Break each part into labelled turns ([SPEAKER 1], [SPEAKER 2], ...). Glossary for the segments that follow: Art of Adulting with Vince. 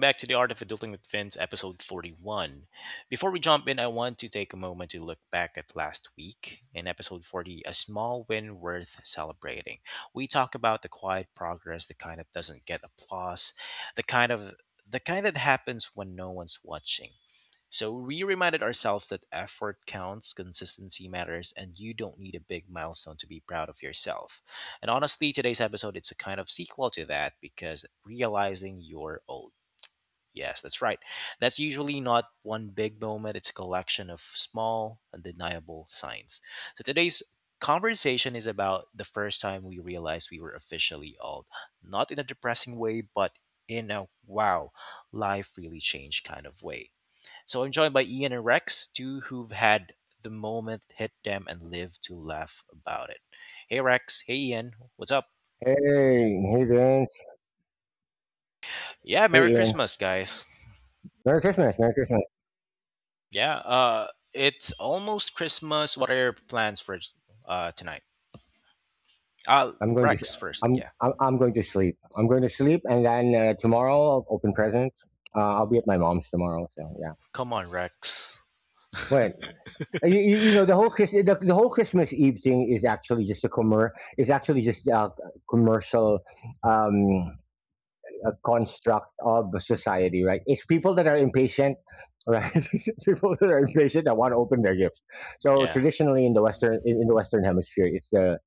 [SPEAKER 1] back to the Art of Adulting with Vince, episode 41. Before we jump in, I want to take a moment to look back at last week. In episode 40, a small win worth celebrating. We talk about the quiet progress, the kind that doesn't get applause, the kind of the kind that happens when no one's watching. So we reminded ourselves that effort counts, consistency matters, and you don't need a big milestone to be proud of yourself. And honestly, today's episode it's a kind of sequel to that because realizing you're old. Yes, that's right. That's usually not one big moment, it's a collection of small, undeniable signs. So today's conversation is about the first time we realized we were officially old. Not in a depressing way, but in a wow, life really changed kind of way. So I'm joined by Ian and Rex, two who've had the moment hit them and live to laugh about it. Hey Rex, hey Ian, what's up?
[SPEAKER 2] Hey, hey, Vince.
[SPEAKER 1] Yeah,
[SPEAKER 2] Hey,
[SPEAKER 1] Merry
[SPEAKER 2] Ian.
[SPEAKER 1] Christmas, guys.
[SPEAKER 2] Merry Christmas. Merry Christmas.
[SPEAKER 1] Yeah, it's almost Christmas. What are your plans for tonight? Uh
[SPEAKER 2] I'm going to.
[SPEAKER 1] Rex
[SPEAKER 2] i
[SPEAKER 1] first.
[SPEAKER 2] am
[SPEAKER 1] Yeah.
[SPEAKER 2] I'm. I'm, I'm going to sleep. I'm going to sleep, and then tomorrow I'll open presents. I'll be at my mom's tomorrow. So yeah.
[SPEAKER 1] Come on, Rex.
[SPEAKER 2] Wait. You know the whole Christmas Eve thing is actually just a is actually just a commercial um, a construct of society, right? It's people that are impatient, right? It's people that are impatient that want to open their gifts. So
[SPEAKER 1] Yeah.
[SPEAKER 2] traditionally in the Western Hemisphere, it's the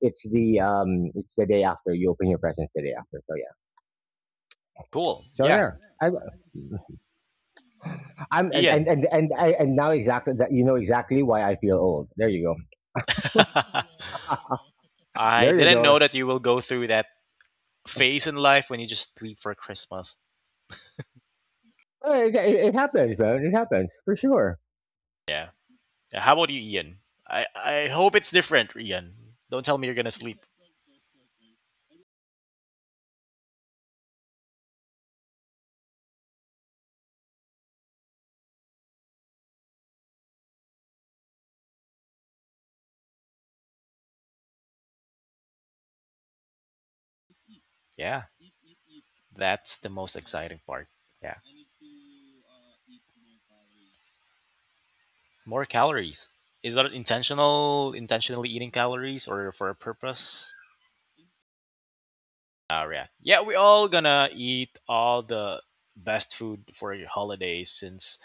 [SPEAKER 2] It's the um, it's the day after you open your presents, the day after. So yeah.
[SPEAKER 1] Cool.
[SPEAKER 2] So
[SPEAKER 1] Yeah.
[SPEAKER 2] there. I, I'm
[SPEAKER 1] Ian.
[SPEAKER 2] and, I, and now exactly that you know exactly why I feel old. There you go.
[SPEAKER 1] I
[SPEAKER 2] There you
[SPEAKER 1] didn't
[SPEAKER 2] go.
[SPEAKER 1] know that you will go through that phase in life when you just sleep for Christmas.
[SPEAKER 2] Oh, it happens, man. It happens for sure.
[SPEAKER 1] Yeah. Yeah, how about you, Ian? I hope it's different, Ian. Don't tell me you're gonna sleep. Yeah, that's the most exciting part. Yeah, more calories. Is that intentional? Intentionally eating calories or for a purpose? Yeah, yeah. We all gonna eat all the best food for holidays since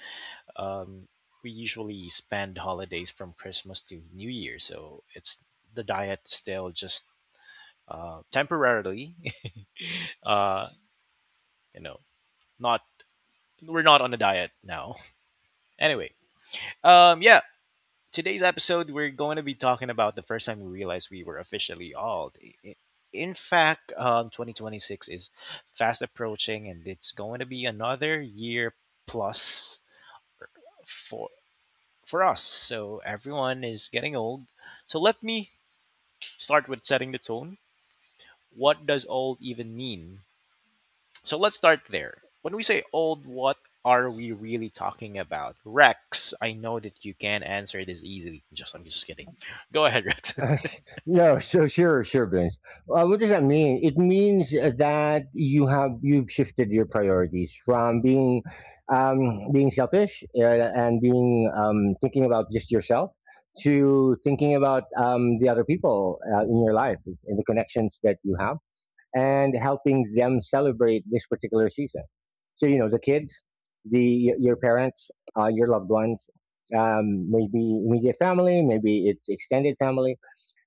[SPEAKER 1] um, we usually spend holidays from Christmas to New Year. So it's the diet still just temporarily. uh, you know, not we're not on a diet now. Anyway, yeah, today's episode we're going to be talking about the first time we realized we were officially old. In fact, 2026 is fast approaching, and it's going to be another year plus for us. So everyone is getting old. So let me start with setting the tone. What does old even mean? So let's start there. When we say old, what are we really talking about? Rex, I know that you can answer this easily. Just I'm just kidding. Go ahead, Rex.
[SPEAKER 2] Uh, no, so, sure, sure, Vince. What does that mean? It means that you've shifted your priorities from um, being selfish, and being thinking about just yourself, to thinking about the other people in your life, and the connections that you have, and helping them celebrate this particular season. So the kids, the your parents, your loved ones, maybe immediate family, maybe it's extended family,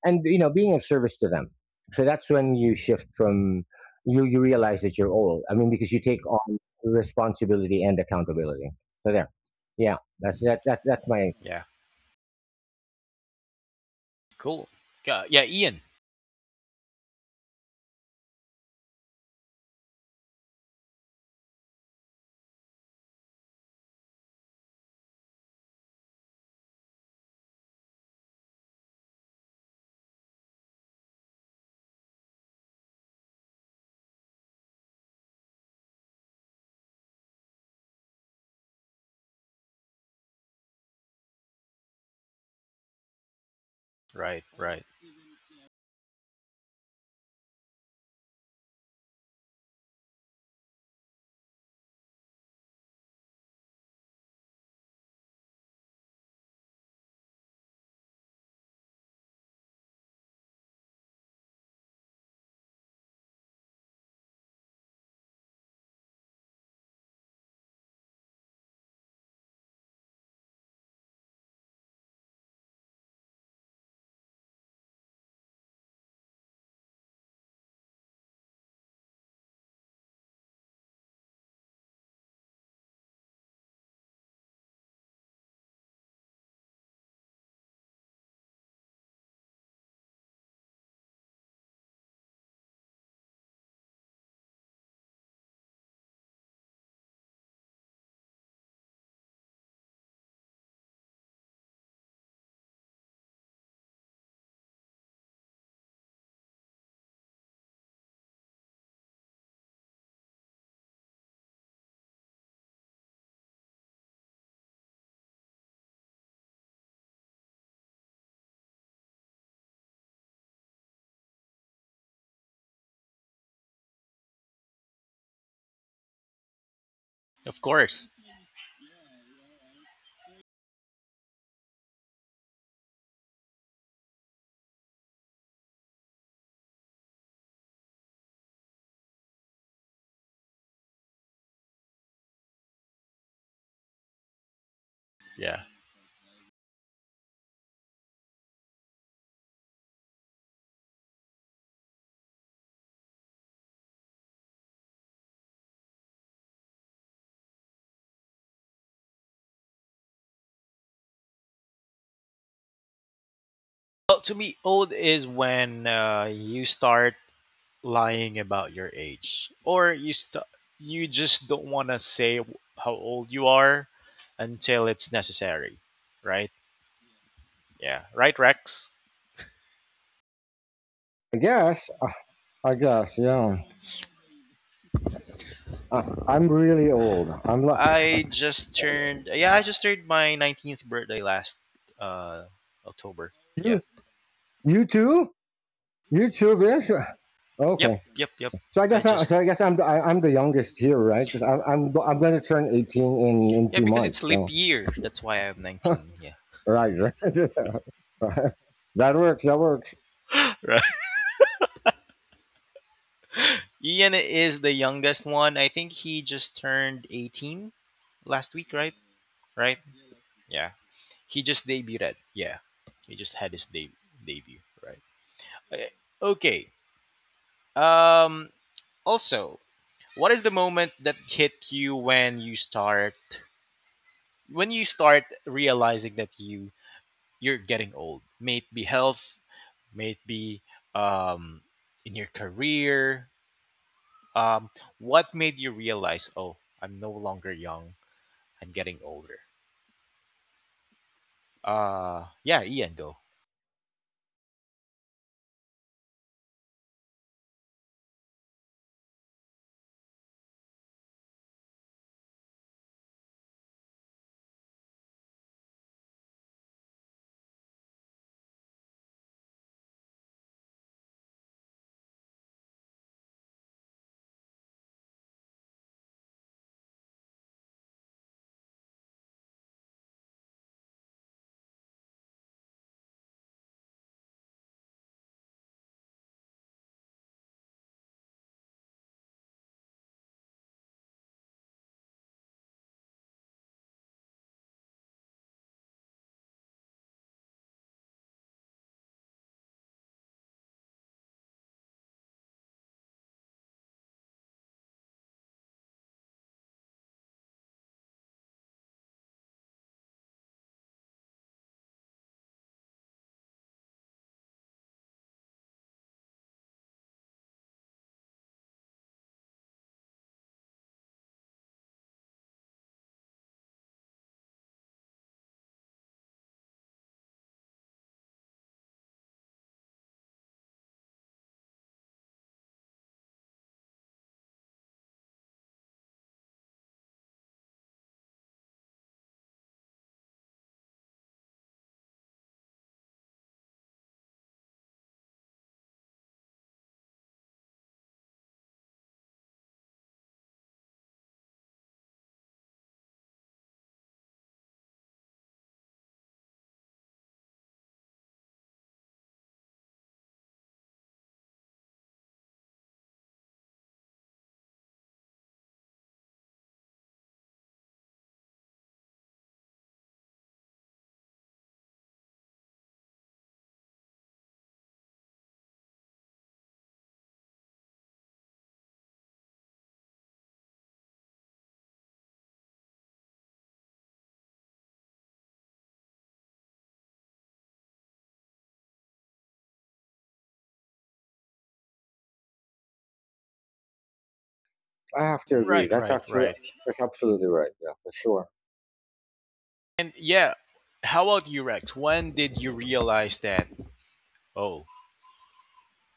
[SPEAKER 2] and being of service to them. So that's when you shift from, you realize that you're old, I mean, because you take on responsibility and accountability. So there, yeah, that's that's my,
[SPEAKER 1] yeah. Cool. Yeah, yeah, Ian. Right, right. Of course. Yeah. Well, to me, old is when you start lying about your age or you you just don't want to say how old you are until it's necessary, right? Yeah. Right, Rex?
[SPEAKER 2] I guess. I guess. Yeah. Uh, I'm really old. I'm lo- uh,
[SPEAKER 1] I just turned yeah, I just turned my 19th birthday last uh October. Yeah.
[SPEAKER 2] you. You too. You too, Vince.
[SPEAKER 1] Yep,
[SPEAKER 2] Okay.
[SPEAKER 1] yep, yep.
[SPEAKER 2] So I
[SPEAKER 1] I
[SPEAKER 2] guess. I,
[SPEAKER 1] just
[SPEAKER 2] so I guess I'm. I, I'm the youngest here, right? Because I'm going to turn 18 in
[SPEAKER 1] yeah,
[SPEAKER 2] two
[SPEAKER 1] because it's
[SPEAKER 2] months.
[SPEAKER 1] leap
[SPEAKER 2] So
[SPEAKER 1] year. That's why I'm 19. Yeah.
[SPEAKER 2] right. Right. That works. That works.
[SPEAKER 1] Right. Ian is the youngest one. I think he just turned 18 last week, right? Right? Yeah. He just debuted. Yeah. He just had his debut, right? Okay. Okay. Um Also, what is the moment that hit you when you start realizing that you're getting old, may it be health, may it be um in your career, um what made you realize, oh, I'm no longer young, I'm getting older. Yeah, Ian, go.
[SPEAKER 2] I have to agree.
[SPEAKER 1] Right,
[SPEAKER 2] That's
[SPEAKER 1] right,
[SPEAKER 2] actually
[SPEAKER 1] right.
[SPEAKER 2] that's absolutely right. Yeah, for sure.
[SPEAKER 1] And yeah, how about you, Rex? When did you realize that, oh,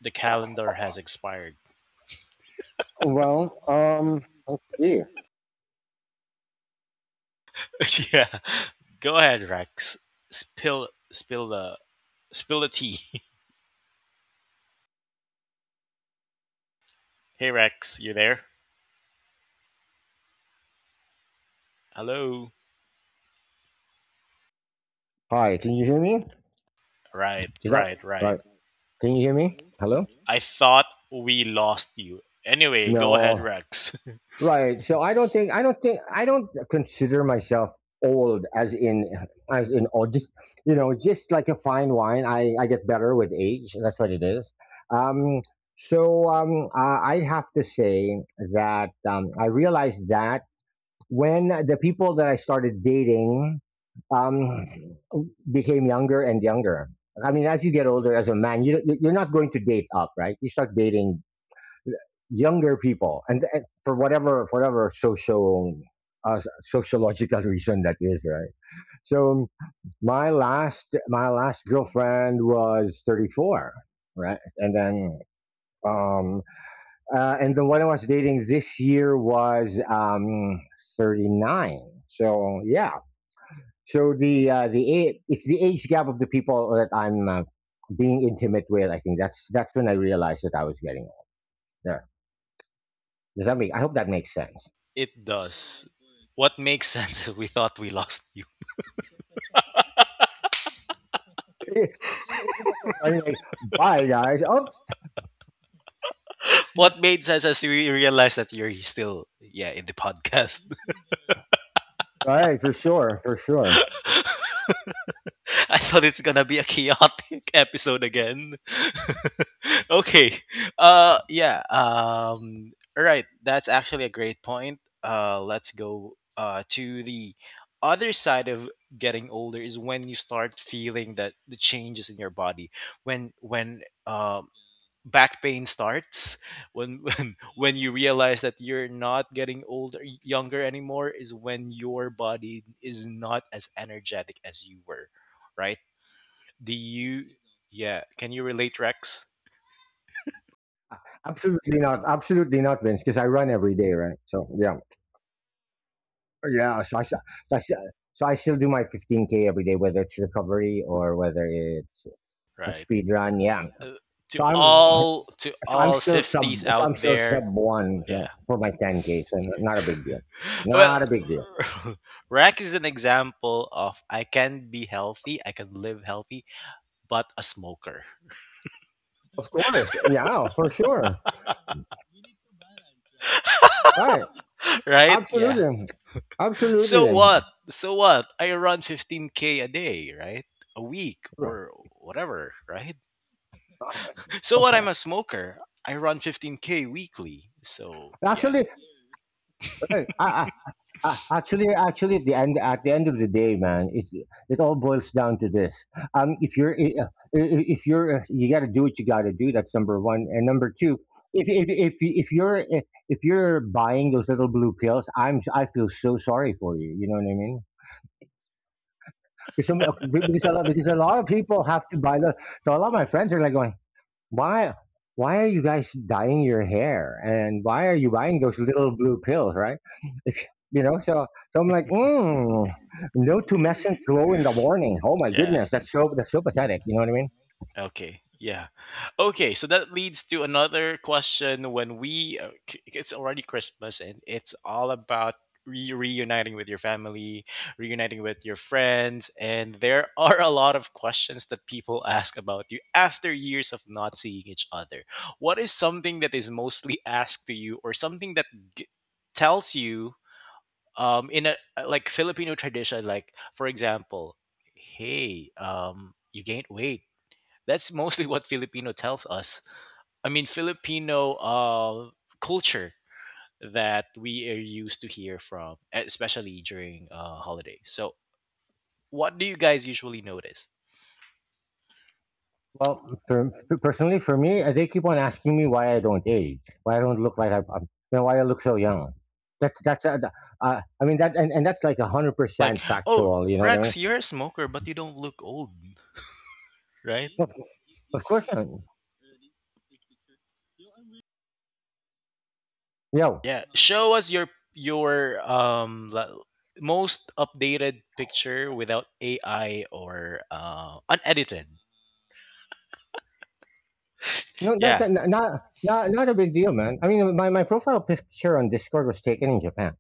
[SPEAKER 1] the calendar has expired?
[SPEAKER 2] Well, let's see.
[SPEAKER 1] Yeah, go ahead, Rex. Spill the tea Hey, Rex, you there? Hello.
[SPEAKER 2] Hi, can you hear me?
[SPEAKER 1] Right,
[SPEAKER 2] Is that
[SPEAKER 1] right, right.
[SPEAKER 2] right? Can you hear me? Hello?
[SPEAKER 1] I thought we lost you. Anyway, go ahead,
[SPEAKER 2] No.
[SPEAKER 1] Rex.
[SPEAKER 2] Right. So I don't consider myself old, as in old. Just, just like a fine wine, I get better with age. That's what it is. Um. So I have to say that I realized that when the people that I started dating um, became younger and younger. I mean, as you get older as a man, you're not going to date up, right? You start dating younger people, and for whatever social sociological reason that is, right? So my last girlfriend was 34, right? Um and the one I was dating this year was 39. So yeah. It's the age gap of the people that I'm being intimate with. I think that's when I realized that I was getting old. There. Does that make? I hope that makes sense.
[SPEAKER 1] It does. What makes sense is we thought we lost you.
[SPEAKER 2] It's not so funny. Like, bye guys. Oh,
[SPEAKER 1] What made sense is we realized that you're still, yeah, in the podcast.
[SPEAKER 2] right, for sure, for sure.
[SPEAKER 1] I thought it's gonna be a chaotic episode again. Okay. Yeah. All right, that's actually a great point. Let's go to the other side of getting older is when you start feeling that the changes in your body. When um back pain starts, when when you realize that you're not getting older younger anymore is when your body is not as energetic as you were, right? Do you? Yeah. Can you relate, Rex?
[SPEAKER 2] Absolutely not. Absolutely not, Vince. Because I run every day, right? So yeah, yeah. So I still do my 15K every day, whether it's recovery or whether it's a
[SPEAKER 1] Right.
[SPEAKER 2] speed run. Yeah.
[SPEAKER 1] Uh,
[SPEAKER 2] So I'm
[SPEAKER 1] to
[SPEAKER 2] So I'm
[SPEAKER 1] all
[SPEAKER 2] still sub.
[SPEAKER 1] fifties
[SPEAKER 2] So I'm
[SPEAKER 1] out
[SPEAKER 2] still sub
[SPEAKER 1] there.
[SPEAKER 2] one.
[SPEAKER 1] Yeah.
[SPEAKER 2] So for my 10K, not a big deal.
[SPEAKER 1] Well,
[SPEAKER 2] Not a big deal.
[SPEAKER 1] Rex is an example of I can be healthy, I can live healthy, but a smoker.
[SPEAKER 2] Of course, yeah, for sure. Right,
[SPEAKER 1] Right? Yeah.
[SPEAKER 2] absolutely,
[SPEAKER 1] So
[SPEAKER 2] absolutely.
[SPEAKER 1] what? So what? I run 15k a day, right? A week
[SPEAKER 2] Right.
[SPEAKER 1] or whatever, right? So what? I'm a smoker. I run 15k weekly. So yeah.
[SPEAKER 2] Actually, right. At the end of the day, man, it all boils down to this. If you're, I- if you're, You got to do what you got to do. That's number one, and number two, if if if if you're eh, if you're buying those little blue pills, I feel so sorry for you. You know what I mean? Because some, okay, because a lot of people have to buy the. So a lot of my friends are like going. Why why are you guys dyeing your hair? And why are you buying those little blue pills, right? If, you know, so so I'm like, no tumescent glow in the morning. Oh my
[SPEAKER 1] Yeah.
[SPEAKER 2] goodness, that's so pathetic. You know what I mean?
[SPEAKER 1] Okay. Yeah. Okay. So that leads to another question. When we, it's already Christmas and it's all about reuniting with your family, reuniting with your friends. And there are a lot of questions that people ask about you after years of not seeing each other. What is something that is mostly asked to you or something that g- tells you? In a like Filipino tradition, like for example, hey, you gained weight, that's mostly what Filipino tells us. I mean, Filipino culture that we are used to hear from, especially during holidays. So, what do you guys usually notice?
[SPEAKER 2] Well, for, personally, for me, they keep on asking me why I don't age, why I don't look like I, I'm, you know, why I look so young. That's I mean that, and that's like 100%
[SPEAKER 1] Like, oh,
[SPEAKER 2] factual. You know what I mean?
[SPEAKER 1] Rex, you're a smoker, but you don't look old, right?
[SPEAKER 2] Of, of course. Yo,
[SPEAKER 1] Yeah, show us your most updated picture without AI or unedited.
[SPEAKER 2] No, not
[SPEAKER 1] Yeah,
[SPEAKER 2] that, not a big deal, man. I mean, my profile picture on Discord was taken in Japan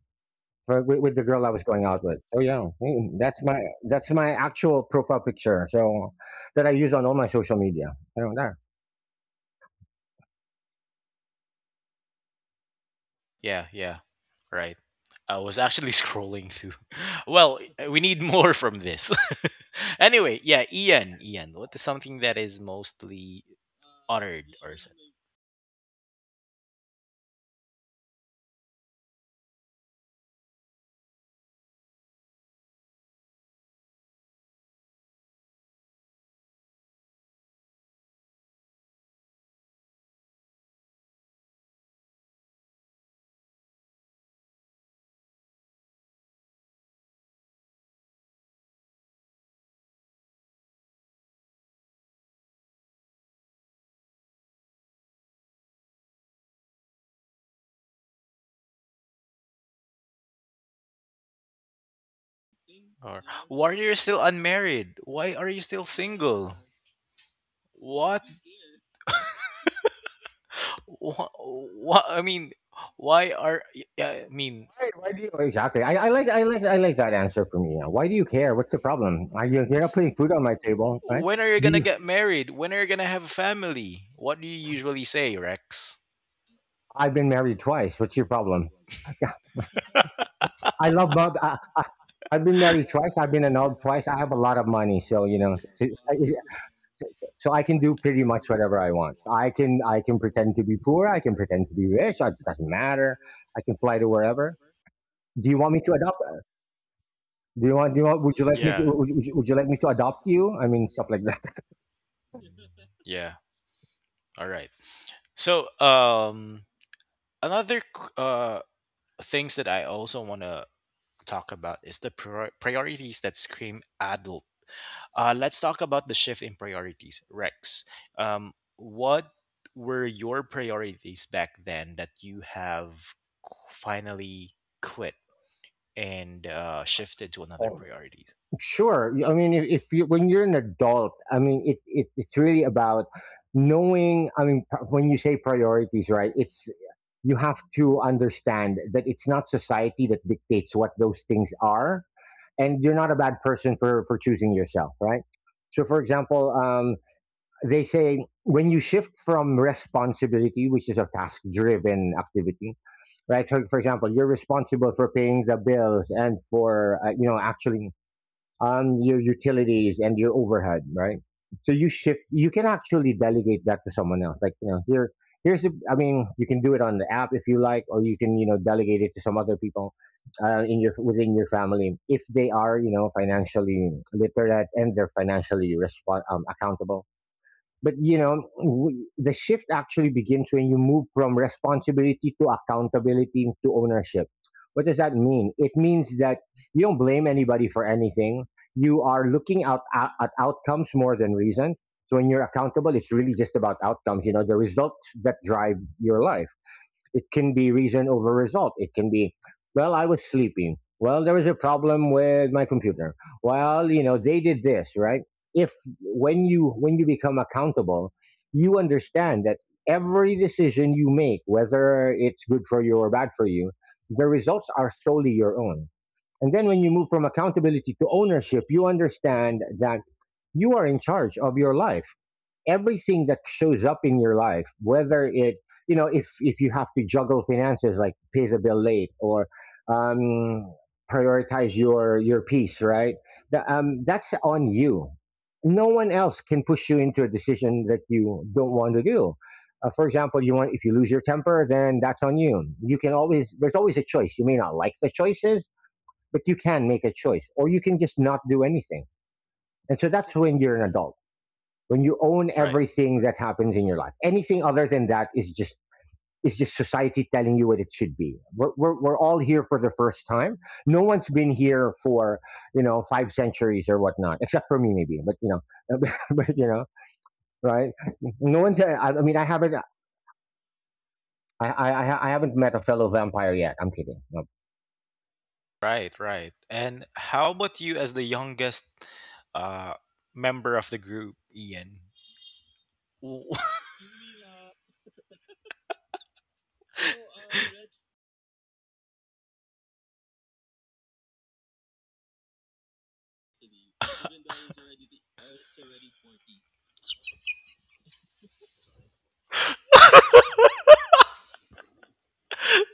[SPEAKER 2] with the girl I was going out with. So yeah, that's my actual profile picture. So that I use on all my social media. So, nah.
[SPEAKER 1] yeah, yeah, right. I was actually scrolling through. Well, we need more from this. Anyway, yeah, Ian, Ian, what is something that is mostly honored or or why are you still unmarried? Why are you still single? What? What? I mean, why are? I mean,
[SPEAKER 2] Why do you, exactly? I like that answer from you. Why do you care? What's the problem? Are you you're not putting food on my table, right?
[SPEAKER 1] when are you
[SPEAKER 2] Do
[SPEAKER 1] gonna
[SPEAKER 2] you?
[SPEAKER 1] get married? When are you gonna have a family? What do you usually say, Rex?
[SPEAKER 2] I've been married twice. What's your problem? I love mom. I've been married twice. I've been annulled twice. I have a lot of money, so I can do pretty much whatever I want. I can pretend to be poor. I can pretend to be rich. It doesn't matter. I can fly to wherever. Do you want me to adopt? Do you want? Do you want?
[SPEAKER 1] Yeah.
[SPEAKER 2] Would you like me to adopt you? I mean, stuff like that.
[SPEAKER 1] Yeah. All right. So, another things that I also want to talk about is the priorities that scream adult. Let's talk about the shift in priorities. Rex, what were your priorities back then that you have finally quit and shifted to another
[SPEAKER 2] Oh,
[SPEAKER 1] priorities?
[SPEAKER 2] sure. I mean, if you when you're an adult, I mean, it's really about knowing. I mean, when you say priorities, right? It's, you have to understand that it's not society that dictates what those things are, and you're not a bad person for choosing yourself, right? So, for example, they say when you shift from responsibility, which is a task-driven activity, right? So, for example, you're responsible for paying the bills and for actually on your utilities and your overhead, right? So you shift, you can actually delegate that to someone else. Like, I mean, you can do it on the app if you like, or you can, delegate it to some other people within your family if they are, financially literate, and they're financially respon accountable, but the shift actually begins when you move from responsibility to accountability and to ownership. What does that mean? It means that you don't blame anybody for anything. You are looking out at outcomes more than reason. So when you're accountable, it's really just about outcomes, you know, the results that drive your life. It can be reason over result. It can be, well, I was sleeping. Well, there was a problem with my computer. Well, they did this, right? If when you when you become accountable, you understand that every decision you make, whether it's good for you or bad for you, the results are solely your own. And then when you move from accountability to ownership, you understand that you are in charge of your life. Everything that shows up in your life, whether it you know if you have to juggle finances, like pay the bill late, or um, prioritize your peace, right? That's on you. No one else can push you into a decision that you don't want to do. For example, you want if you lose your temper, then that's on you. You can always There's always a choice. You may not like the choices, but you can make a choice, or you can just not do anything. And so that's when you're an adult, when you own
[SPEAKER 1] Right.
[SPEAKER 2] everything that happens in your life. Anything other than that is just society telling you what it should be. We're all here for the first time. No one's been here for 5 centuries or whatnot, except for me maybe, but but you know right. no one's I mean, I haven't met a fellow vampire yet. I'm kidding.
[SPEAKER 1] Right. Right. And how about you as the youngest uh member of the group, Ian? W-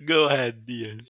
[SPEAKER 1] Go ahead, Dion.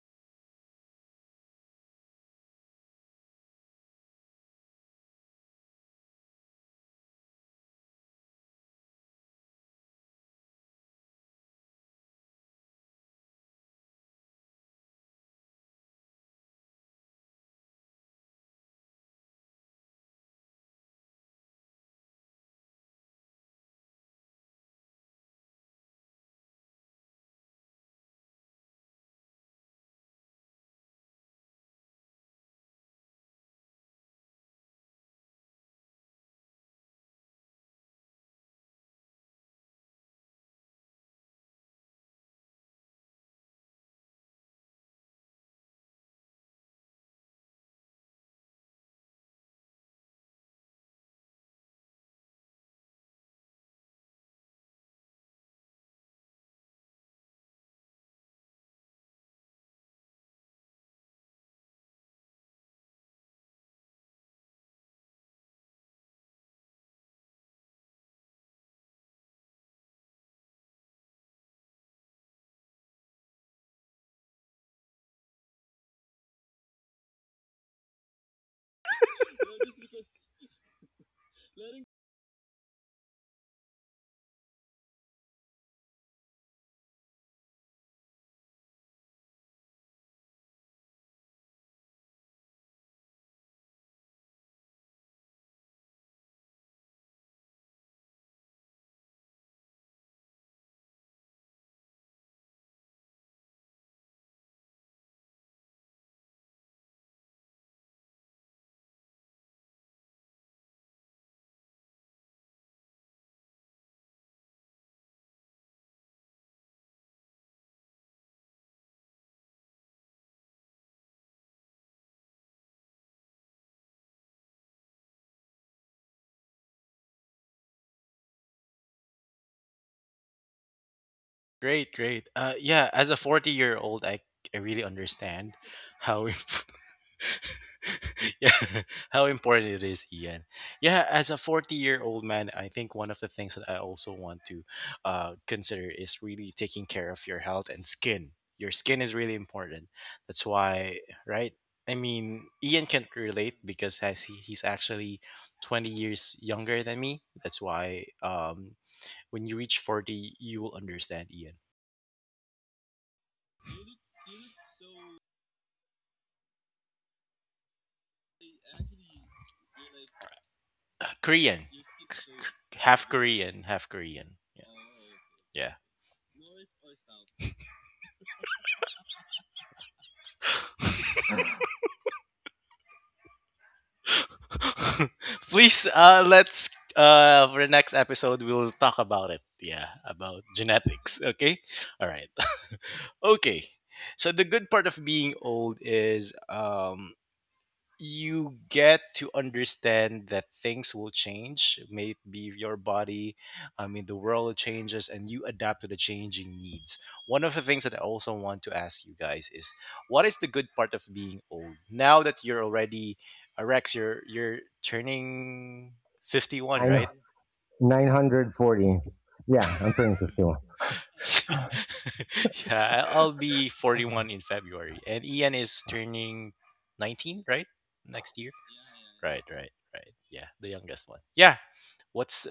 [SPEAKER 1] Great, great. Yeah, as a 40-year-old, I really understand how yeah, how important it is, Ian. Yeah, as a 40-year-old man, I think one of the things that I also want to consider is really taking care of your health and skin. Your skin is really important. That's why, right? I mean, Ian can't relate because he's actually 20 years younger than me. That's why when you reach 40, you will understand, Ian. Korean. K- Half Korean, half Korean. Yeah. Yeah. Please, let's, for the next episode, we'll talk about it. Yeah, about genetics. Okay. All right. Okay. So the good part of being old is you get to understand that things will change, maybe your body, I mean, the world changes and you adapt to the changing needs. One of the things that I also want to ask you guys is what is the good part of being old now that you're already a Rex, you're turning 51,
[SPEAKER 2] I know.
[SPEAKER 1] right?
[SPEAKER 2] 940, yeah, I'm turning 51.
[SPEAKER 1] Yeah, I'll be 41 in February and Ian is turning 19 right next year. Right, right, right. Yeah, the youngest one. Yeah. What's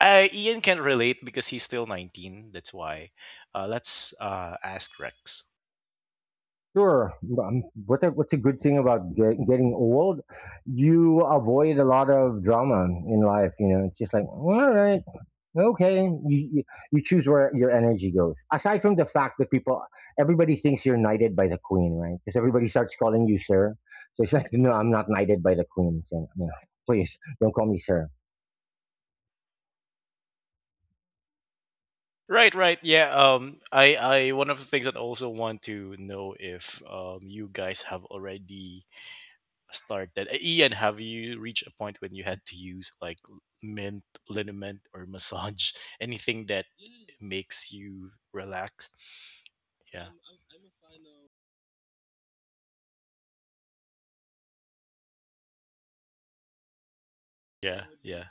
[SPEAKER 1] Ian can relate because he's still 19. That's why. Let's ask Rex.
[SPEAKER 2] Sure. What's a good thing about getting old? You avoid a lot of drama in life. You know, it's just like, all right, okay. You choose where your energy goes. Aside from the fact that everybody thinks you're knighted by the queen, right? Because everybody starts calling you sir. So it's like, no, I'm not knighted by the queen. So, you know, please don't call me sir.
[SPEAKER 1] Right, right. Yeah. I one of the things that I also want to know if you guys have already started. Ian, have you reached a point when you had to use like mint, liniment, or massage? Anything that makes you relax? Yeah. Yeah. Yeah.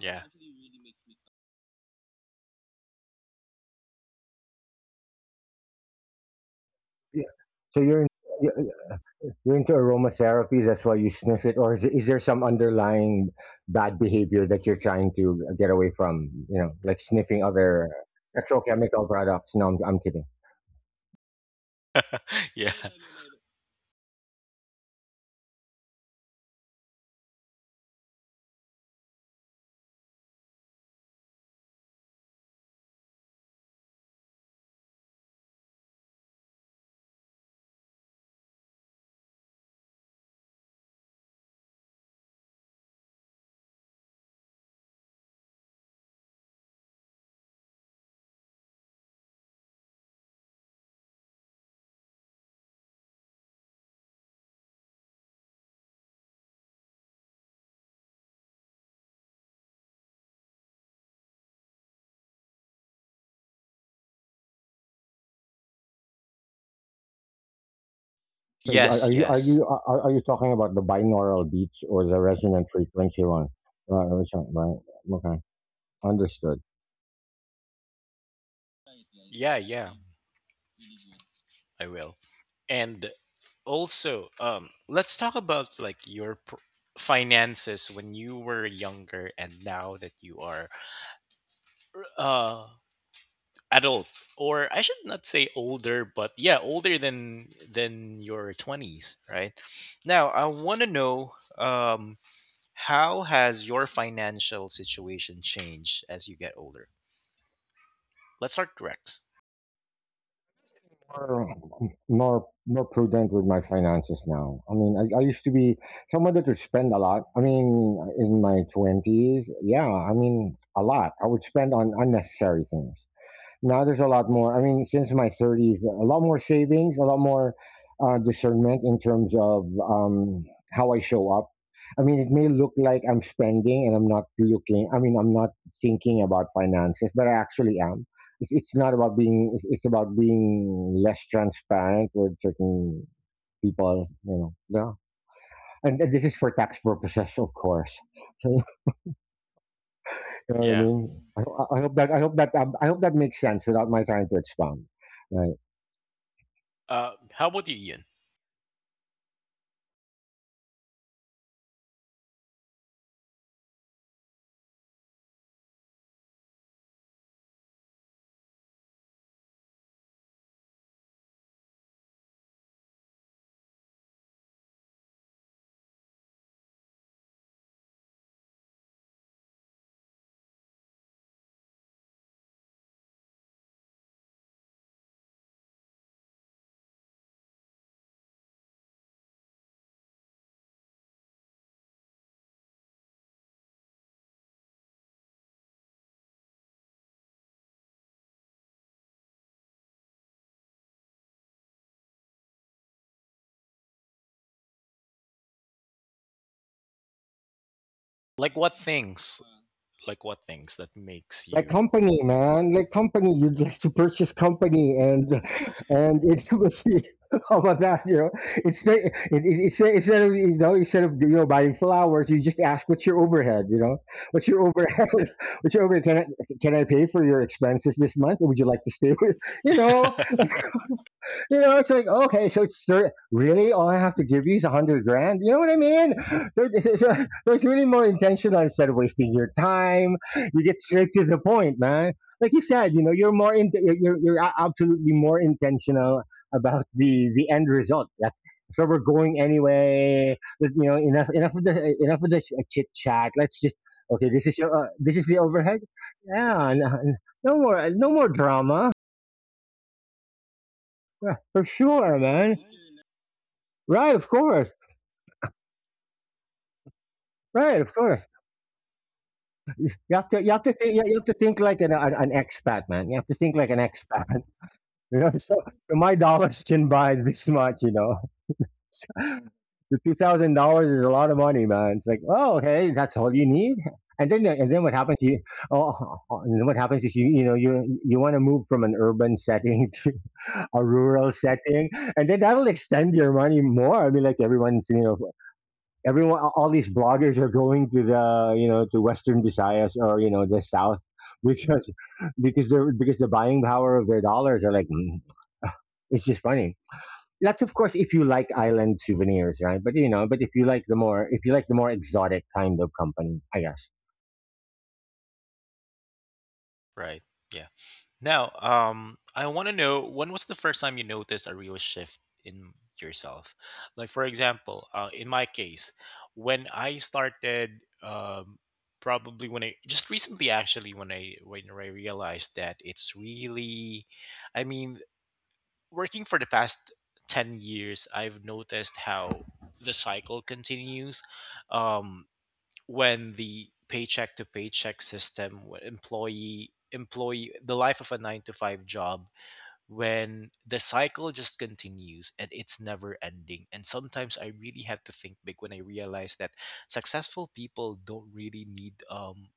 [SPEAKER 1] Yeah.
[SPEAKER 2] Yeah. So you're into aromatherapy. That's why you sniff it, or is there some underlying bad behavior that you're trying to get away from? You know, like sniffing other petrochemical products. No, I'm kidding.
[SPEAKER 1] Yeah.
[SPEAKER 2] So are
[SPEAKER 1] Yes,
[SPEAKER 2] are you are
[SPEAKER 1] yes.
[SPEAKER 2] you are, are you talking about the binaural beats or the resonant frequency one? Right, which one, right. Okay, understood.
[SPEAKER 1] Yeah, yeah. I will. And also, let's talk about like your finances when you were younger and now that you are uh adult, or I should not say older, but yeah, older than your 20s, right? Now, I want to know how has your financial situation changed as you get older? Let's start Rex.
[SPEAKER 2] more More prudent with my finances now. I mean, I used to be someone that would spend a lot. I mean, in my twenties, yeah, I mean, a lot. I would spend on unnecessary things. Now there's a lot more. I mean, since my 30s, a lot more savings, a lot more discernment in terms of how I show up. I mean, it may look like I'm spending and I'm not looking. I mean, I'm not thinking about finances, but I actually am. It's not about being. It's about being less transparent with certain people. You know, yeah. And this is for tax purposes, of course. You know what I
[SPEAKER 1] Yeah.
[SPEAKER 2] mean? I hope that I hope that I hope that makes sense without my trying to expound.
[SPEAKER 1] How about you, Ian? Like what things? Like what things that makes
[SPEAKER 2] Like
[SPEAKER 1] you?
[SPEAKER 2] company man, like company you'd like to purchase company and it's how about that, you know. It, it's the- instead of instead of you know buying flowers, you just ask what's your overhead, you know, what's your overhead, what's your overhead, can I pay for your expenses this month, would you like to stay with, you know. You know, it's like, okay, so it's really all I have to give you is 100 grand. You know what I mean? There- There's really more intentional instead of wasting your time. You get straight to the point, man. Like you said, you know, you're more you're absolutely more intentional about the end result. Like, so we're going anyway. But, you know, enough of the chit chat. Let's just okay. This is your this is the overhead. Yeah, no, no more drama. Yeah, for sure, man. Right, of course. Right, of course. You have to think you have to think like an expat, man. You have to think like an expat. You know, my dollars can buy this much, you know. The $2,000 is a lot of money, man. It's like, oh, okay, that's all you need. And then what happens? Oh, oh, and then what happens is you know you want to move from an urban setting to a rural setting, and then that'll extend your money more. I mean, like everyone's, you know, everyone all these bloggers are going to the, you know, to western visayas or, you know, the south because the buying power of their dollars are like, mm, it's just funny. That's of course if you like island souvenirs, right? But you know, but if you like the more, if you like the more exotic kind of company, I guess.
[SPEAKER 1] Right. Yeah. Now, I want to know when was the first time you noticed a real shift in yourself? Like, for example, in my case, when I started, probably when I just recently, actually, when I realized that it's really, I mean, working for the past 10 years, I've noticed how the cycle continues, um, when the paycheck to paycheck system employee the life of a 9 to 5 job, when the cycle just continues and it's never ending, and sometimes I really have to think big when I realize that successful people don't really need,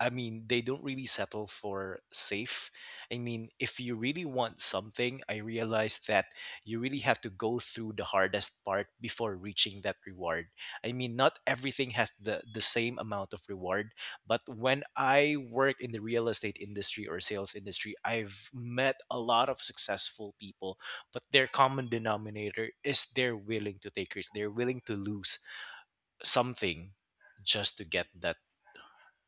[SPEAKER 1] I mean, they don't really settle for safe. I mean, if you really want something, I realized that you really have to go through the hardest part before reaching that reward. I mean, not everything has the same amount of reward, but when I work in the real estate industry or sales industry, I've met a lot of successful people, but their common denominator is they're willing to take risks, they're willing to lose something just to get that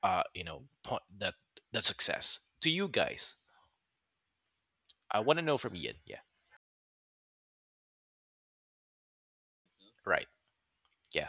[SPEAKER 1] uh you know point, that success. To you guys, I want to know. From Ian? Yeah. Right. Yeah.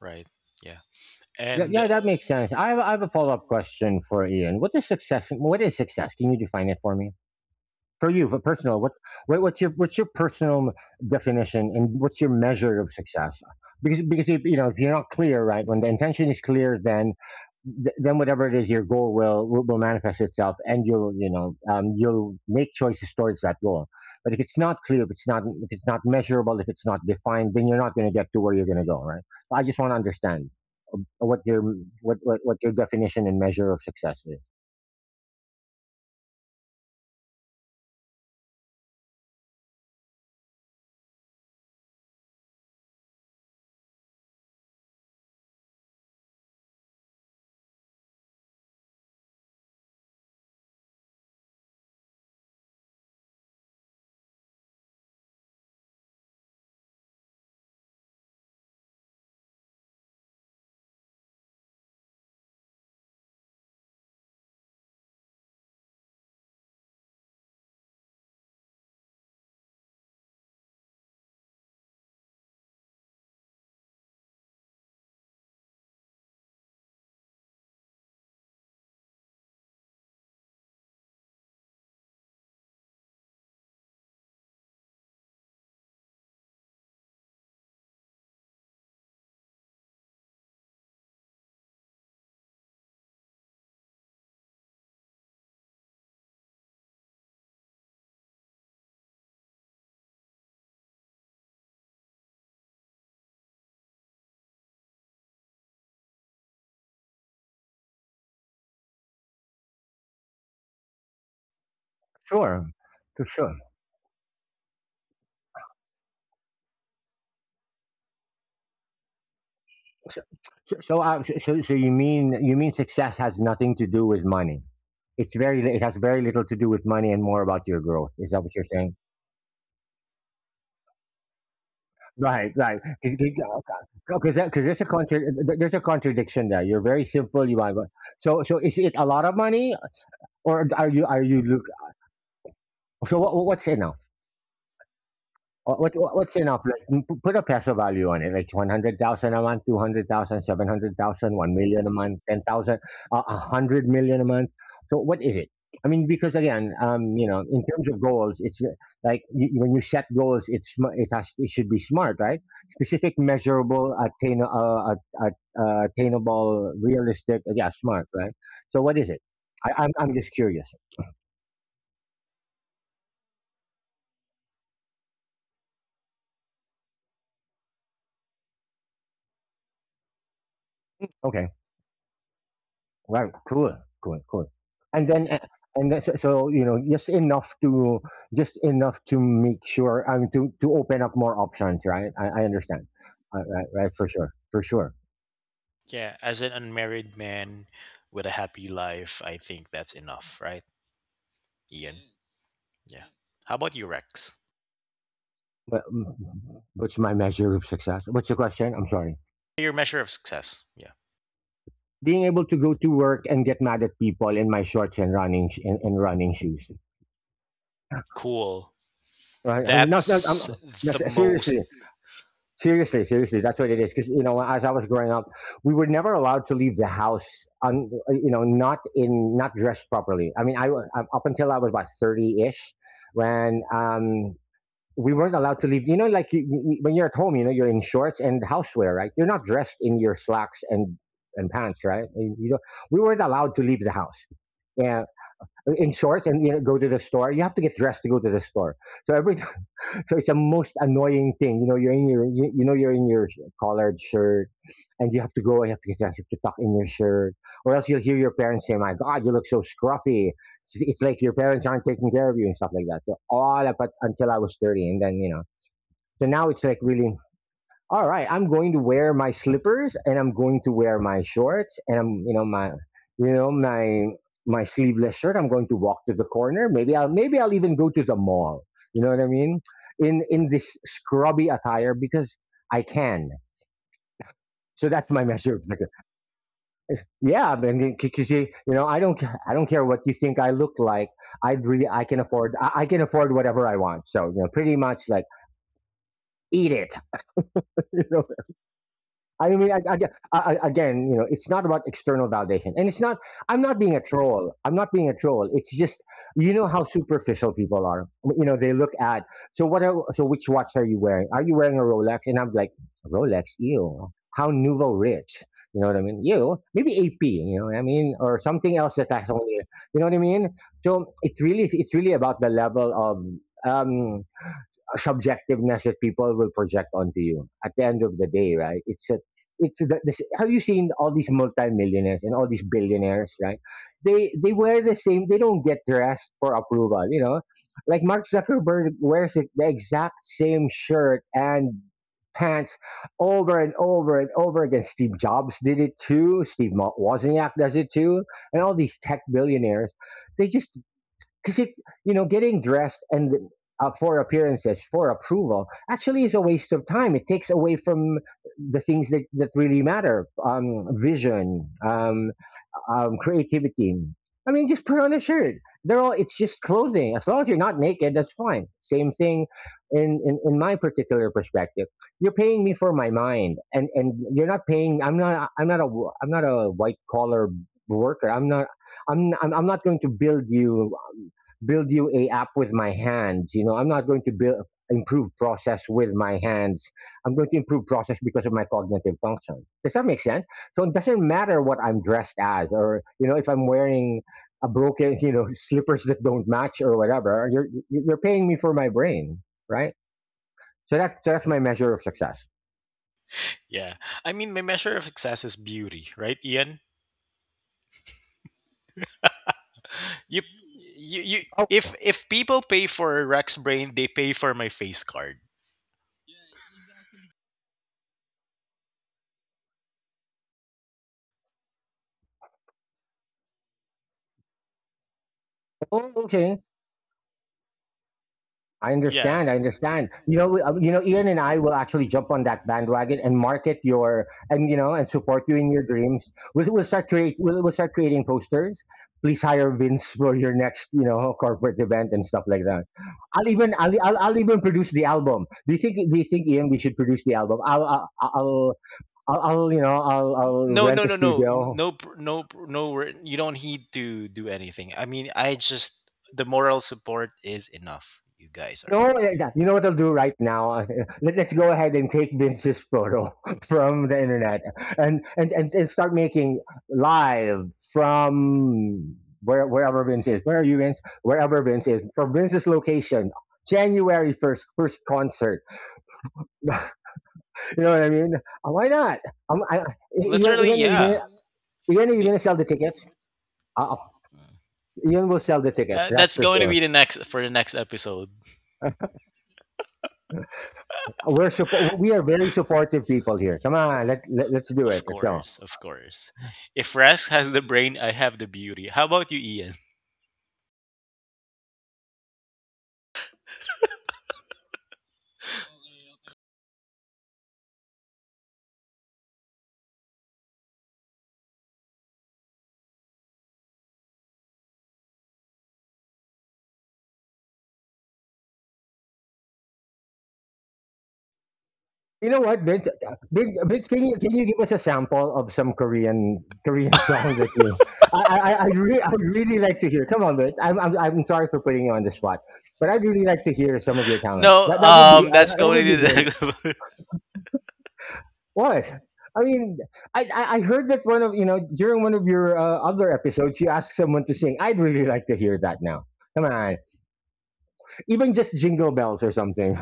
[SPEAKER 1] Right. Yeah. And
[SPEAKER 2] Yeah, that makes sense. I have a follow-up question for Ian. What is success, can you define it for me, for you, but personal, what's your, personal definition and what's your measure of success? Because if, you know, if you're not clear, right? When the intention is clear, then then whatever it is, your goal will manifest itself, and you'll, you know, you'll make choices towards that goal. But if it's not clear, if it's not measurable, if it's not defined, then you're not going to get to where you're going to go, right? So I just want to understand what your, what your definition and measure of success is. Sure, for sure. So, so you mean, success has nothing to do with money? It's very it has very little to do with money and more about your growth. Is that what you're saying? Right, right. Because there's a there's a contradiction there. You're very simple. You want, is it a lot of money or are you, look, so what's it now? What's enough? Like, m p put a peso value on it, like 100,000 a month, 200,000, 700,000, 1,000,000 a month, 10,000, 100,000,000 a month. So what is it? I mean, because again, you know, in terms of goals, it's like you, when you set goals, it's it has, it should be smart, right? Specific, measurable, uh, attainable, realistic. Yeah, smart, right? So what is it? I'm just curious. Okay. Wow, cool, cool, cool. And then, and that's, so, so you know, just enough to, make sure to open up more options, right? I understand, right, right, for sure, for sure.
[SPEAKER 1] yeah, as an unmarried man with a happy life, I think that's enough, right, Ian? Yeah. How about you, Rex?
[SPEAKER 2] But mm, what's my measure of success? What's the question? I'm sorry.
[SPEAKER 1] Your measure of success. Yeah.
[SPEAKER 2] Being able to go to work and get mad at people in my shorts and running and running shoes.
[SPEAKER 1] Cool.
[SPEAKER 2] Right? I'm not, not, I'm,
[SPEAKER 1] That's
[SPEAKER 2] no,
[SPEAKER 1] the most.
[SPEAKER 2] seriously. Seriously, that's what it is. Because you know, as I was growing up, we were never allowed to leave the house, you know, not in, not dressed properly. I mean, I up until I was about 30-ish, when we weren't allowed to leave. You know, like you- when you're at home, you know, you're in shorts and housewear, right? You're not dressed in your slacks and pants, right? You know, we weren't allowed to leave the house. Yeah, in shorts and you know, go to the store. You have to get dressed to go to the store. So every so it's the most annoying thing. You know, you're in your you're in your collared shirt, and you have to go and you have to tuck in your shirt, or else you'll hear your parents say, "My God, you look so scruffy." It's like your parents aren't taking care of you and stuff like that. So all until I was 30, and then you know. So now it's like really all right, I'm going to wear my slippers and I'm going to wear my shorts and I'm, you know, my sleeveless shirt. I'm going to walk to the corner. Maybe I'll even go to the mall. You know what I mean? In this scrubby attire because I can. So that's my measure of like, yeah. Because you know, I don't care what you think I look like. I would really I can afford whatever I want. So you know, pretty much like eat it. You know. I mean, I, I, again, you know, it's not about external validation, and it's not. I'm not being a troll. It's just you know how superficial people are. You know, they look at, so what? So which watch are you wearing? Are you wearing a Rolex? And I'm like, Rolex, ew. How nouveau rich? You know what I mean? You maybe AP. You know what I mean, or something else that I only. You know what I mean? So it really, it's really about the level of. Um, subjectiveness that people will project onto you at the end of the day, right? It's this, have you seen all these multimillionaires and all these billionaires, right? They wear the same. They don't get dressed for approval, you know. Like Mark Zuckerberg wears it, the exact same shirt and pants over and over and over again. Steve Jobs did it too. Steve Wozniak does it too, and all these tech billionaires, they just because it, you know, getting dressed and for appearances for approval actually is a waste of time. It takes away from the things that really matter, vision, um, creativity. I mean, just put on a shirt. They're all. It's just clothing. As long as you're not naked, that's fine. Same thing, in my particular perspective. You're paying me for my mind, and you're not paying. I'm not. I'm not a I'm not a white collar worker. I'm not. I'm not going to build you build you a app with my hands. I'm not going to build improve process with my hands. I'm going to improve process because of my cognitive function. Does that make sense? So it doesn't matter what I'm dressed as, or if I'm wearing a broken, slippers that don't match or whatever. You're paying me for my brain, right? So that so that's my measure of success.
[SPEAKER 1] Yeah. I mean, my measure of success is beauty, right, Ian? You, you, you.
[SPEAKER 2] Oh,
[SPEAKER 1] If people pay for Rex Brain, they pay for my face card.
[SPEAKER 2] okay. I
[SPEAKER 1] Yeah.
[SPEAKER 2] understand. I understand. Ian and I will actually jump on that bandwagon and market your and support you in your dreams. We'll start create. We'll start creating posters. Please hire Vince for your next corporate event and stuff like that. I'll even produce the album. Do you think, Ian, we should produce the album? I'll I'll
[SPEAKER 1] No,
[SPEAKER 2] rent
[SPEAKER 1] no,
[SPEAKER 2] a
[SPEAKER 1] no, no,
[SPEAKER 2] studio.
[SPEAKER 1] no, no, no. You don't need to do anything. I mean, I just the moral support is enough. You guys are
[SPEAKER 2] No, eh, yeah, you know what I'll do right now? Let's go ahead and take Vince's photo from the internet and start making live from wherever Vince is. Where are you, Vince? Wherever Vince is. From Vince's location, January 1st, first concert. You know what I mean? Why not? Um, I-
[SPEAKER 1] literally,
[SPEAKER 2] Ian,
[SPEAKER 1] yeah.
[SPEAKER 2] Ian, are you
[SPEAKER 1] The-
[SPEAKER 2] going to sell the tickets? Uh, Ian will sell the tickets, that's
[SPEAKER 1] that's
[SPEAKER 2] for
[SPEAKER 1] going to
[SPEAKER 2] sure.
[SPEAKER 1] be the next for the next episode.
[SPEAKER 2] We are very supportive people here. Come on, let's do it.
[SPEAKER 1] Of
[SPEAKER 2] Let's go.
[SPEAKER 1] course, of course. If Rask has the brain, I have the beauty. How about you, Ian?
[SPEAKER 2] You know what, Vince? Vince, can you give us a sample of some Korean song that you? I'd really like to hear. Come on, Vince. I'm sorry for putting you on the spot, but I'd really like to hear some of your talent.
[SPEAKER 1] No, that's
[SPEAKER 2] That
[SPEAKER 1] going
[SPEAKER 2] would be great.
[SPEAKER 1] to.
[SPEAKER 2] What? I mean, I heard that one of you know during one of your other episodes, you asked someone to sing. I'd really like to hear that now. Come on, even just jingle bells or something.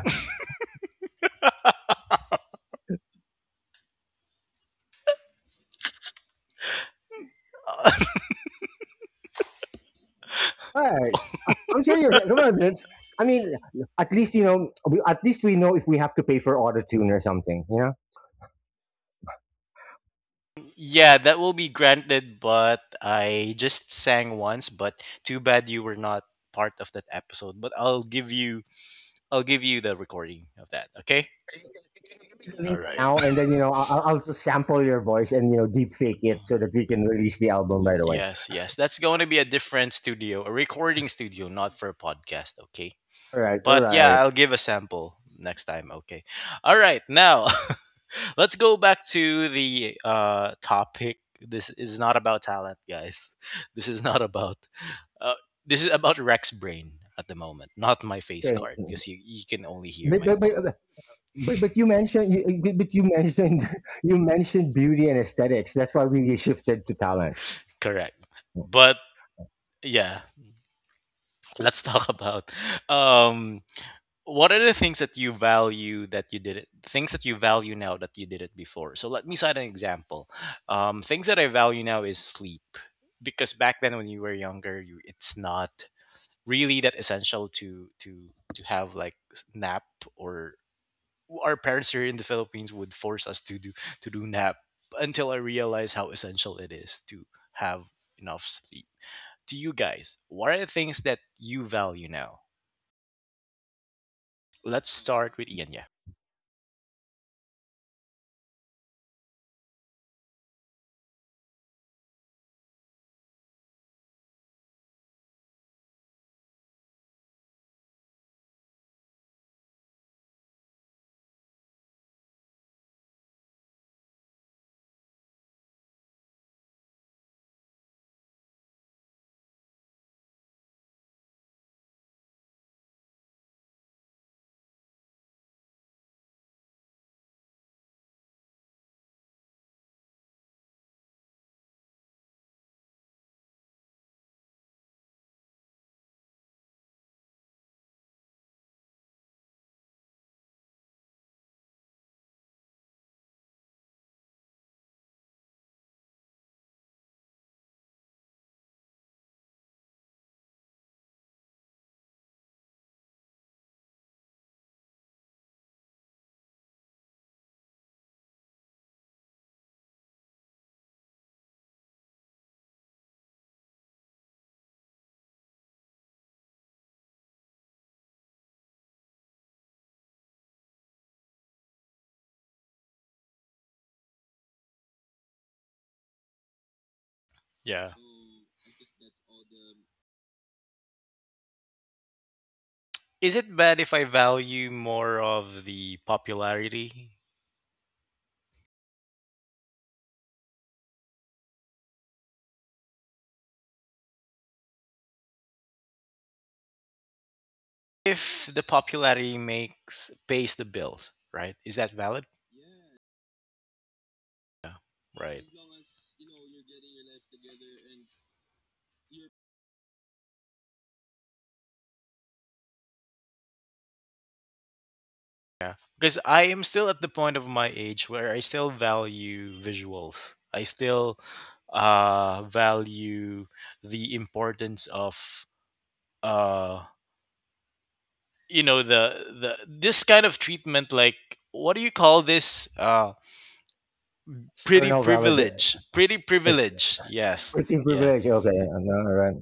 [SPEAKER 2] Right? I'm serious. Come on, Vince. I mean, at least you know. At least we know if we have to pay for auto tune or something. You know.
[SPEAKER 1] Yeah, that will be granted, but I just sang once, but too bad you were not part of that episode. But I'll give you the recording of that, okay?
[SPEAKER 2] You can give me the
[SPEAKER 1] All
[SPEAKER 2] link
[SPEAKER 1] right.
[SPEAKER 2] now, and then I'll just sample your voice and deep fake it so that we can release the album. By the way,
[SPEAKER 1] Yes, yes. That's going to be a different studio, a recording studio, not for a podcast, okay?
[SPEAKER 2] all right, all
[SPEAKER 1] But yeah,
[SPEAKER 2] right.
[SPEAKER 1] I'll give a sample next time, okay? All right. Now, let's go back to the topic. This is not about talent, guys. This is not about Uh, this is about Rex brain at the moment, not my face
[SPEAKER 2] Okay.
[SPEAKER 1] card, because you can only hear
[SPEAKER 2] But,
[SPEAKER 1] my
[SPEAKER 2] but, but,
[SPEAKER 1] voice.
[SPEAKER 2] but you mentioned you, but you mentioned you mentioned beauty and aesthetics. That's why we shifted to talent.
[SPEAKER 1] Correct. But yeah, let's talk about um what are the things that you value that you did it, things that you value now that you did it before. So let me cite an example. Things that I value now is sleep. Because back then when you were younger, you, it's not really that essential to have like nap, or our parents here in the Philippines would force us to do nap, until I realized how essential it is to have enough sleep. To you guys, what are the things that you value now? Let's start with Ian. Yeah. Yeah. Is it bad if I value more of the popularity? If the popularity makes pays the bills, right? Is that valid? Right. Yeah, because I am still at the point of my age where I still value visuals. I still value the importance of uh, the this kind of treatment. Like, what do you call this? Pretty
[SPEAKER 2] External valid,
[SPEAKER 1] privilege. Pretty
[SPEAKER 2] ex-
[SPEAKER 1] privilege. Yes.
[SPEAKER 2] pretty
[SPEAKER 1] Yeah.
[SPEAKER 2] privilege. Okay, all right.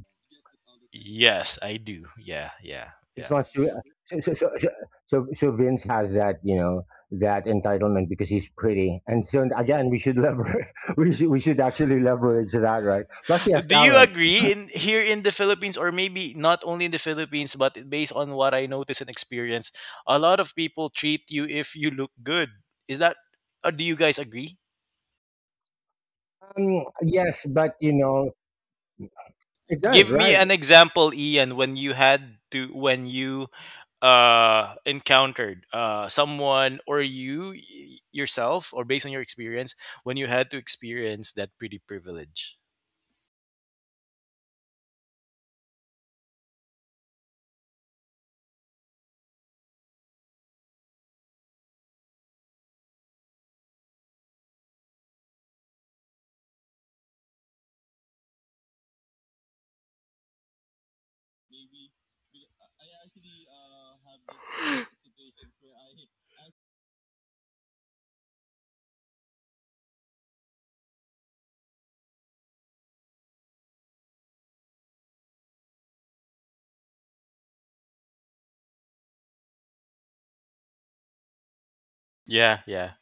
[SPEAKER 1] Yes, I do. Yeah. Yeah.
[SPEAKER 2] It's
[SPEAKER 1] Yeah.
[SPEAKER 2] not so so so so Vince has that, you know, that entitlement because he's pretty. And so again, we should leverage we should actually leverage that, right? Plus he has
[SPEAKER 1] Do you
[SPEAKER 2] talent.
[SPEAKER 1] agree in here in the Philippines, or maybe not only in the Philippines but based on what I notice and experience, a lot of people treat you if you look good. Is that, or do you guys agree?
[SPEAKER 2] Um, yes, but you know, it does,
[SPEAKER 1] Give me
[SPEAKER 2] right?
[SPEAKER 1] an example, Ian, when you had to when you encountered someone, or yourself, or based on your experience when you had to experience that pretty privilege. Yeah, yeah.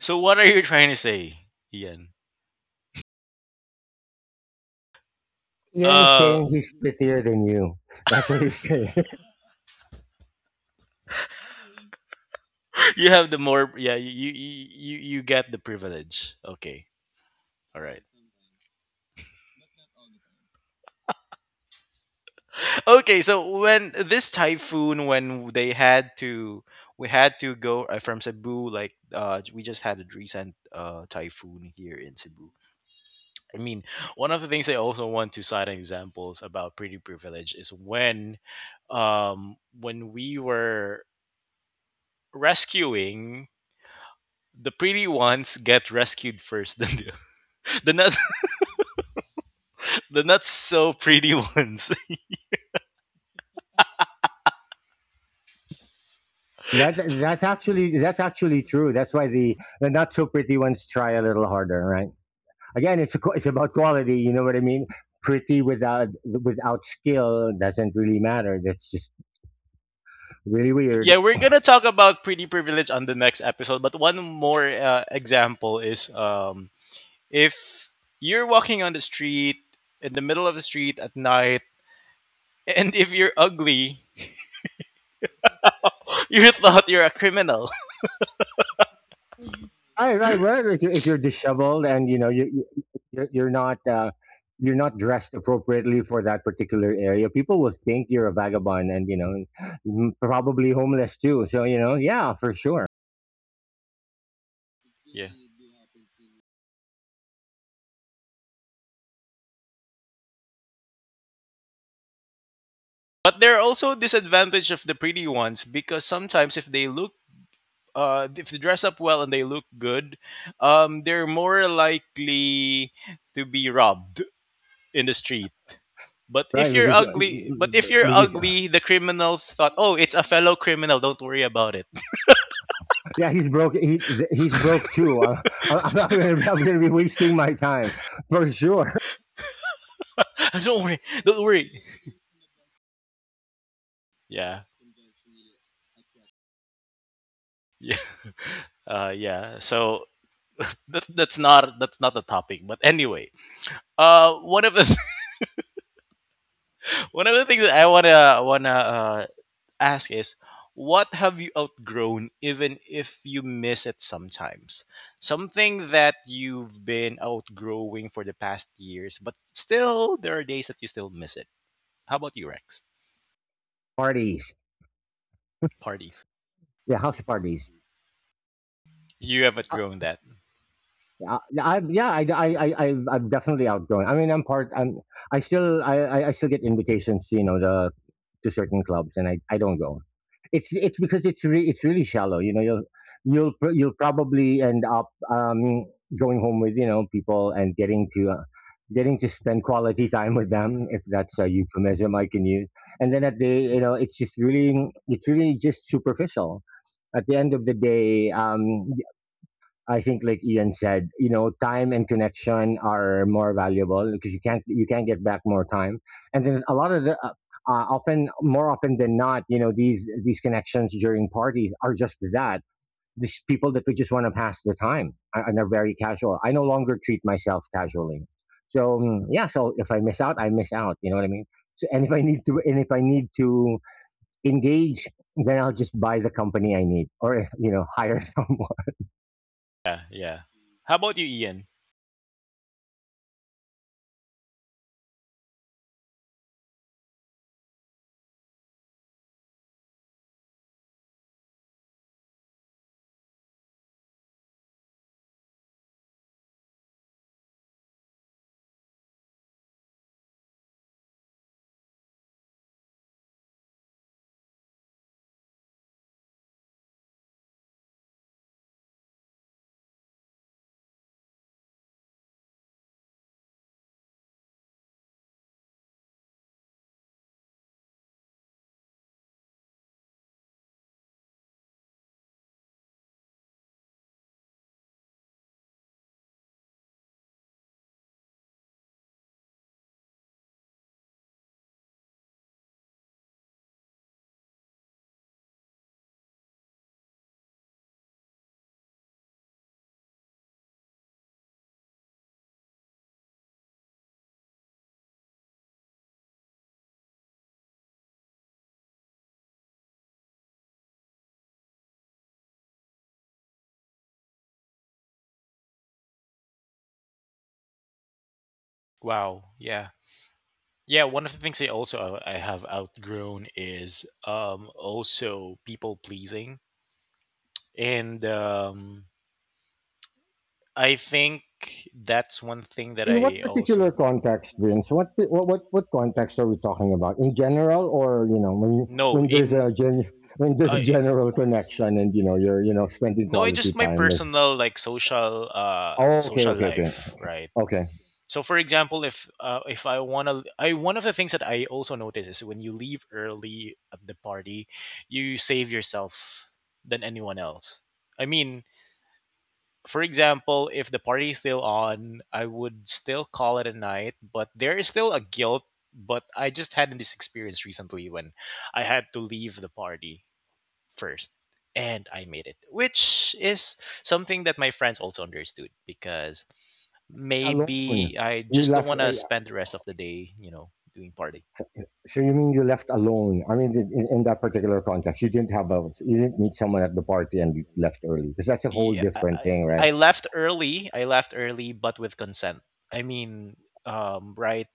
[SPEAKER 1] So what are you trying to say, Ian?
[SPEAKER 2] Ian is
[SPEAKER 1] Uh
[SPEAKER 2] saying he's prettier than you. That's what he's saying.
[SPEAKER 1] you have the more, yeah, you get the privilege, okay, all right, okay. So when this typhoon, when they had to we had to go from Cebu. Like, we just had a recent typhoon here in Cebu. I mean, one of the things I also want to cite examples about pretty privilege is when we were rescuing, the pretty ones get rescued first than the the not the not so pretty ones.
[SPEAKER 2] That that's actually true. That's why the not so pretty ones try a little harder, right? Again, it's a, it's about quality. You know what I mean? Pretty without skill doesn't really matter. That's just really weird.
[SPEAKER 1] Yeah, we're gonna talk about pretty privilege on the next episode. But one more example is, if you're walking on the street, in the middle of the street at night, and if you're ugly, you're thought you're a criminal.
[SPEAKER 2] Mhm. Right, right, right. If if you're disheveled and you're you're not dressed appropriately for that particular area, people will think you're a vagabond and probably homeless too. So you know, yeah, for sure.
[SPEAKER 1] Yeah. But there are also disadvantage of the pretty ones, because sometimes if they dress up well and they look good, they're more likely to be robbed in the street. But
[SPEAKER 2] Right,
[SPEAKER 1] if you're ugly, but if you're
[SPEAKER 2] we just
[SPEAKER 1] ugly, the criminals thought, "Oh, it's a fellow criminal. Don't worry about it.
[SPEAKER 2] yeah, he's broke. He's broke too. I'm not gonna I'm gonna be wasting my time for sure.
[SPEAKER 1] Don't worry. Don't worry." Yeah. Yeah. Yeah. So that's not the topic. But anyway, one of the one of the things that I wanna ask is, what have you outgrown, even if you miss it sometimes? Something that you've been outgrowing for the past years, but still there are days that you still miss it. How about you, Rex?
[SPEAKER 2] Parties,
[SPEAKER 1] Party.
[SPEAKER 2] yeah, house parties.
[SPEAKER 1] You have outgrown that.
[SPEAKER 2] Yeah, I yeah, I'm definitely outgrowing. I mean, I'm part. I still, I still get invitations, you know, to certain clubs, and I don't go. It's because it's really shallow. You know, you'll probably end up going home with, you know, people and getting to, getting to spend quality time with them, if that's a euphemism I can use. And then you know, it's really just superficial at the end of the day. I think, like Ian said, you know, time and connection are more valuable because you can't get back more time. And then a lot of the often more often than not, you know, these connections during parties are just that. These people that we just want to pass the time and are very casual. I no longer treat myself casually. So mm, yeah, so if I miss out, I miss out. You know what I mean? So and if I need to engage, then I'll just buy the company I need or hire someone.
[SPEAKER 1] Yeah, yeah. How about you, Ian? Wow. Yeah. Yeah, one of the things I have outgrown is also people pleasing. And I think that's one thing that
[SPEAKER 2] In what
[SPEAKER 1] I
[SPEAKER 2] particular
[SPEAKER 1] also
[SPEAKER 2] context, Vince? What context are we talking about? In general, or you know, when
[SPEAKER 1] no
[SPEAKER 2] when there's
[SPEAKER 1] in
[SPEAKER 2] a when there's a
[SPEAKER 1] I
[SPEAKER 2] general connection, and you know, you know spending
[SPEAKER 1] no in
[SPEAKER 2] quality
[SPEAKER 1] just my
[SPEAKER 2] time with.
[SPEAKER 1] personal, like, social
[SPEAKER 2] Oh, okay,
[SPEAKER 1] social
[SPEAKER 2] okay, okay,
[SPEAKER 1] life, right?
[SPEAKER 2] okay.
[SPEAKER 1] So, for example, if I want to, I, one of the things that I also notice is when you leave early at the party, you save yourself than anyone else. I mean, for example, if the party is still on, I would still call it a night, but there is still a guilt, but I just had this experience recently when I had to leave the party first and I made it, which is something that my friends also understood, because
[SPEAKER 2] Alone,
[SPEAKER 1] maybe I
[SPEAKER 2] you
[SPEAKER 1] just don't
[SPEAKER 2] left.
[SPEAKER 1] want to
[SPEAKER 2] Yeah.
[SPEAKER 1] spend the rest of the day, doing party.
[SPEAKER 2] So you mean you left alone? I mean, in that particular context, you didn't have a you didn't meet someone at the party and you left early because that's a whole
[SPEAKER 1] Yeah, I,
[SPEAKER 2] different
[SPEAKER 1] I
[SPEAKER 2] thing, right?
[SPEAKER 1] I left early. I left early, but with consent. I mean, right,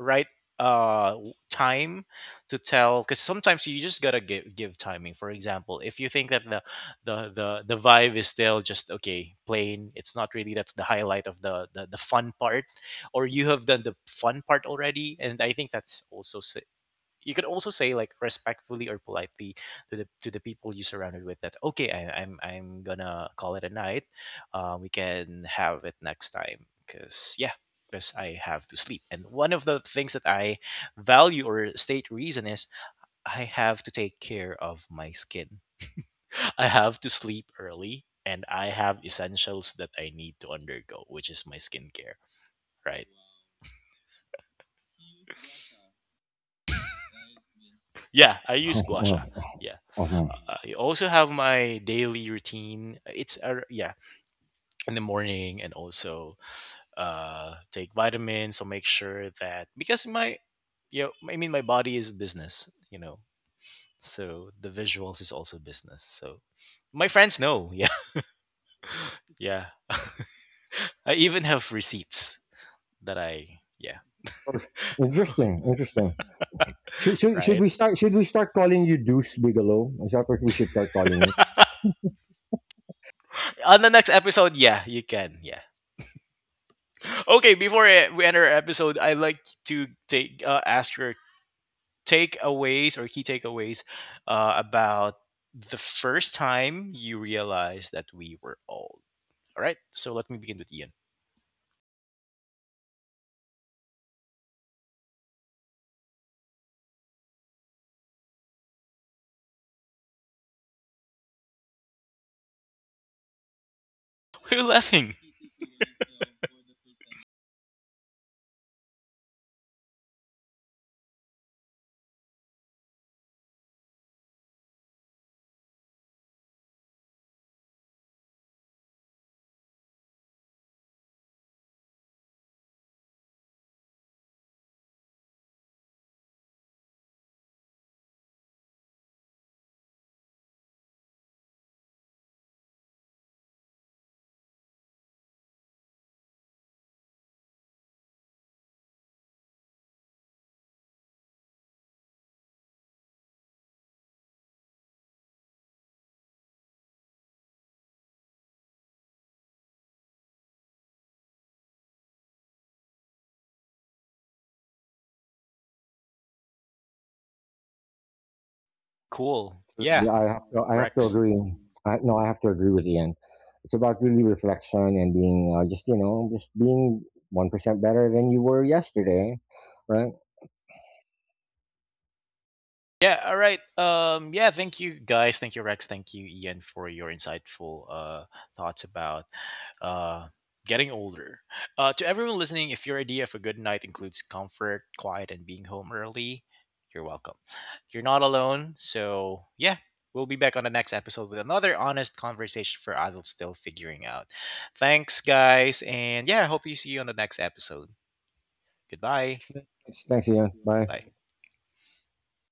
[SPEAKER 1] right, uh time to tell, because sometimes you just gotta give timing. For example, if you think that the the vibe is still just okay, plain, it's not really that's the highlight of the fun part, or you have done the fun part already, and I think that's also you could also say, like, respectfully or politely to the people you surrounded with, that okay, I'm gonna call it a night, we can have it next time. Because, yeah, because I have to sleep, and one of the things that I value, or state reason, is I have to take care of my skin, I have to sleep early, and I have essentials that I need to undergo, which is my skincare, right? Yeah, I use
[SPEAKER 2] Oh,
[SPEAKER 1] guasha.
[SPEAKER 2] oh, oh,
[SPEAKER 1] Yeah.
[SPEAKER 2] oh.
[SPEAKER 1] I also have my daily routine. It's, yeah, in the morning, and also take vitamins. So make sure that, because my, I mean, my body is a business. So the visuals is also business. So my friends know, yeah. Yeah. I even have receipts that I, yeah,
[SPEAKER 2] oh, oh. Interesting, interesting. Should
[SPEAKER 1] right?
[SPEAKER 2] we start? Should we start calling you Deuce Bigelow? Is that what we should start calling you?
[SPEAKER 1] On the next episode, yeah, you can. Yeah. Okay, before we end our episode, I'd like to take ask your takeaways or key takeaways about the first time you realized that we were old. All right, so let me begin with Ian. Who are you laughing? Cool. Yeah,
[SPEAKER 2] Absolutely. I have to
[SPEAKER 1] Rex.
[SPEAKER 2] agree. No, I have to agree with Ian. It's about really reflection and being just just being 1% better than you were yesterday, right?
[SPEAKER 1] Yeah, all right. Yeah, thank you guys. Thank you, Rex. Thank you, Ian, for your insightful thoughts about uh, getting older. To everyone listening, if your idea of a good night includes comfort, quiet, and being home early, you're welcome. You're not alone. So, yeah, we'll be back on the next episode with another honest conversation for adults still figuring out. Thanks, guys. And yeah, I hope you see you on the next episode. Goodbye.
[SPEAKER 2] Thanks, Ian. Bye.
[SPEAKER 1] Bye.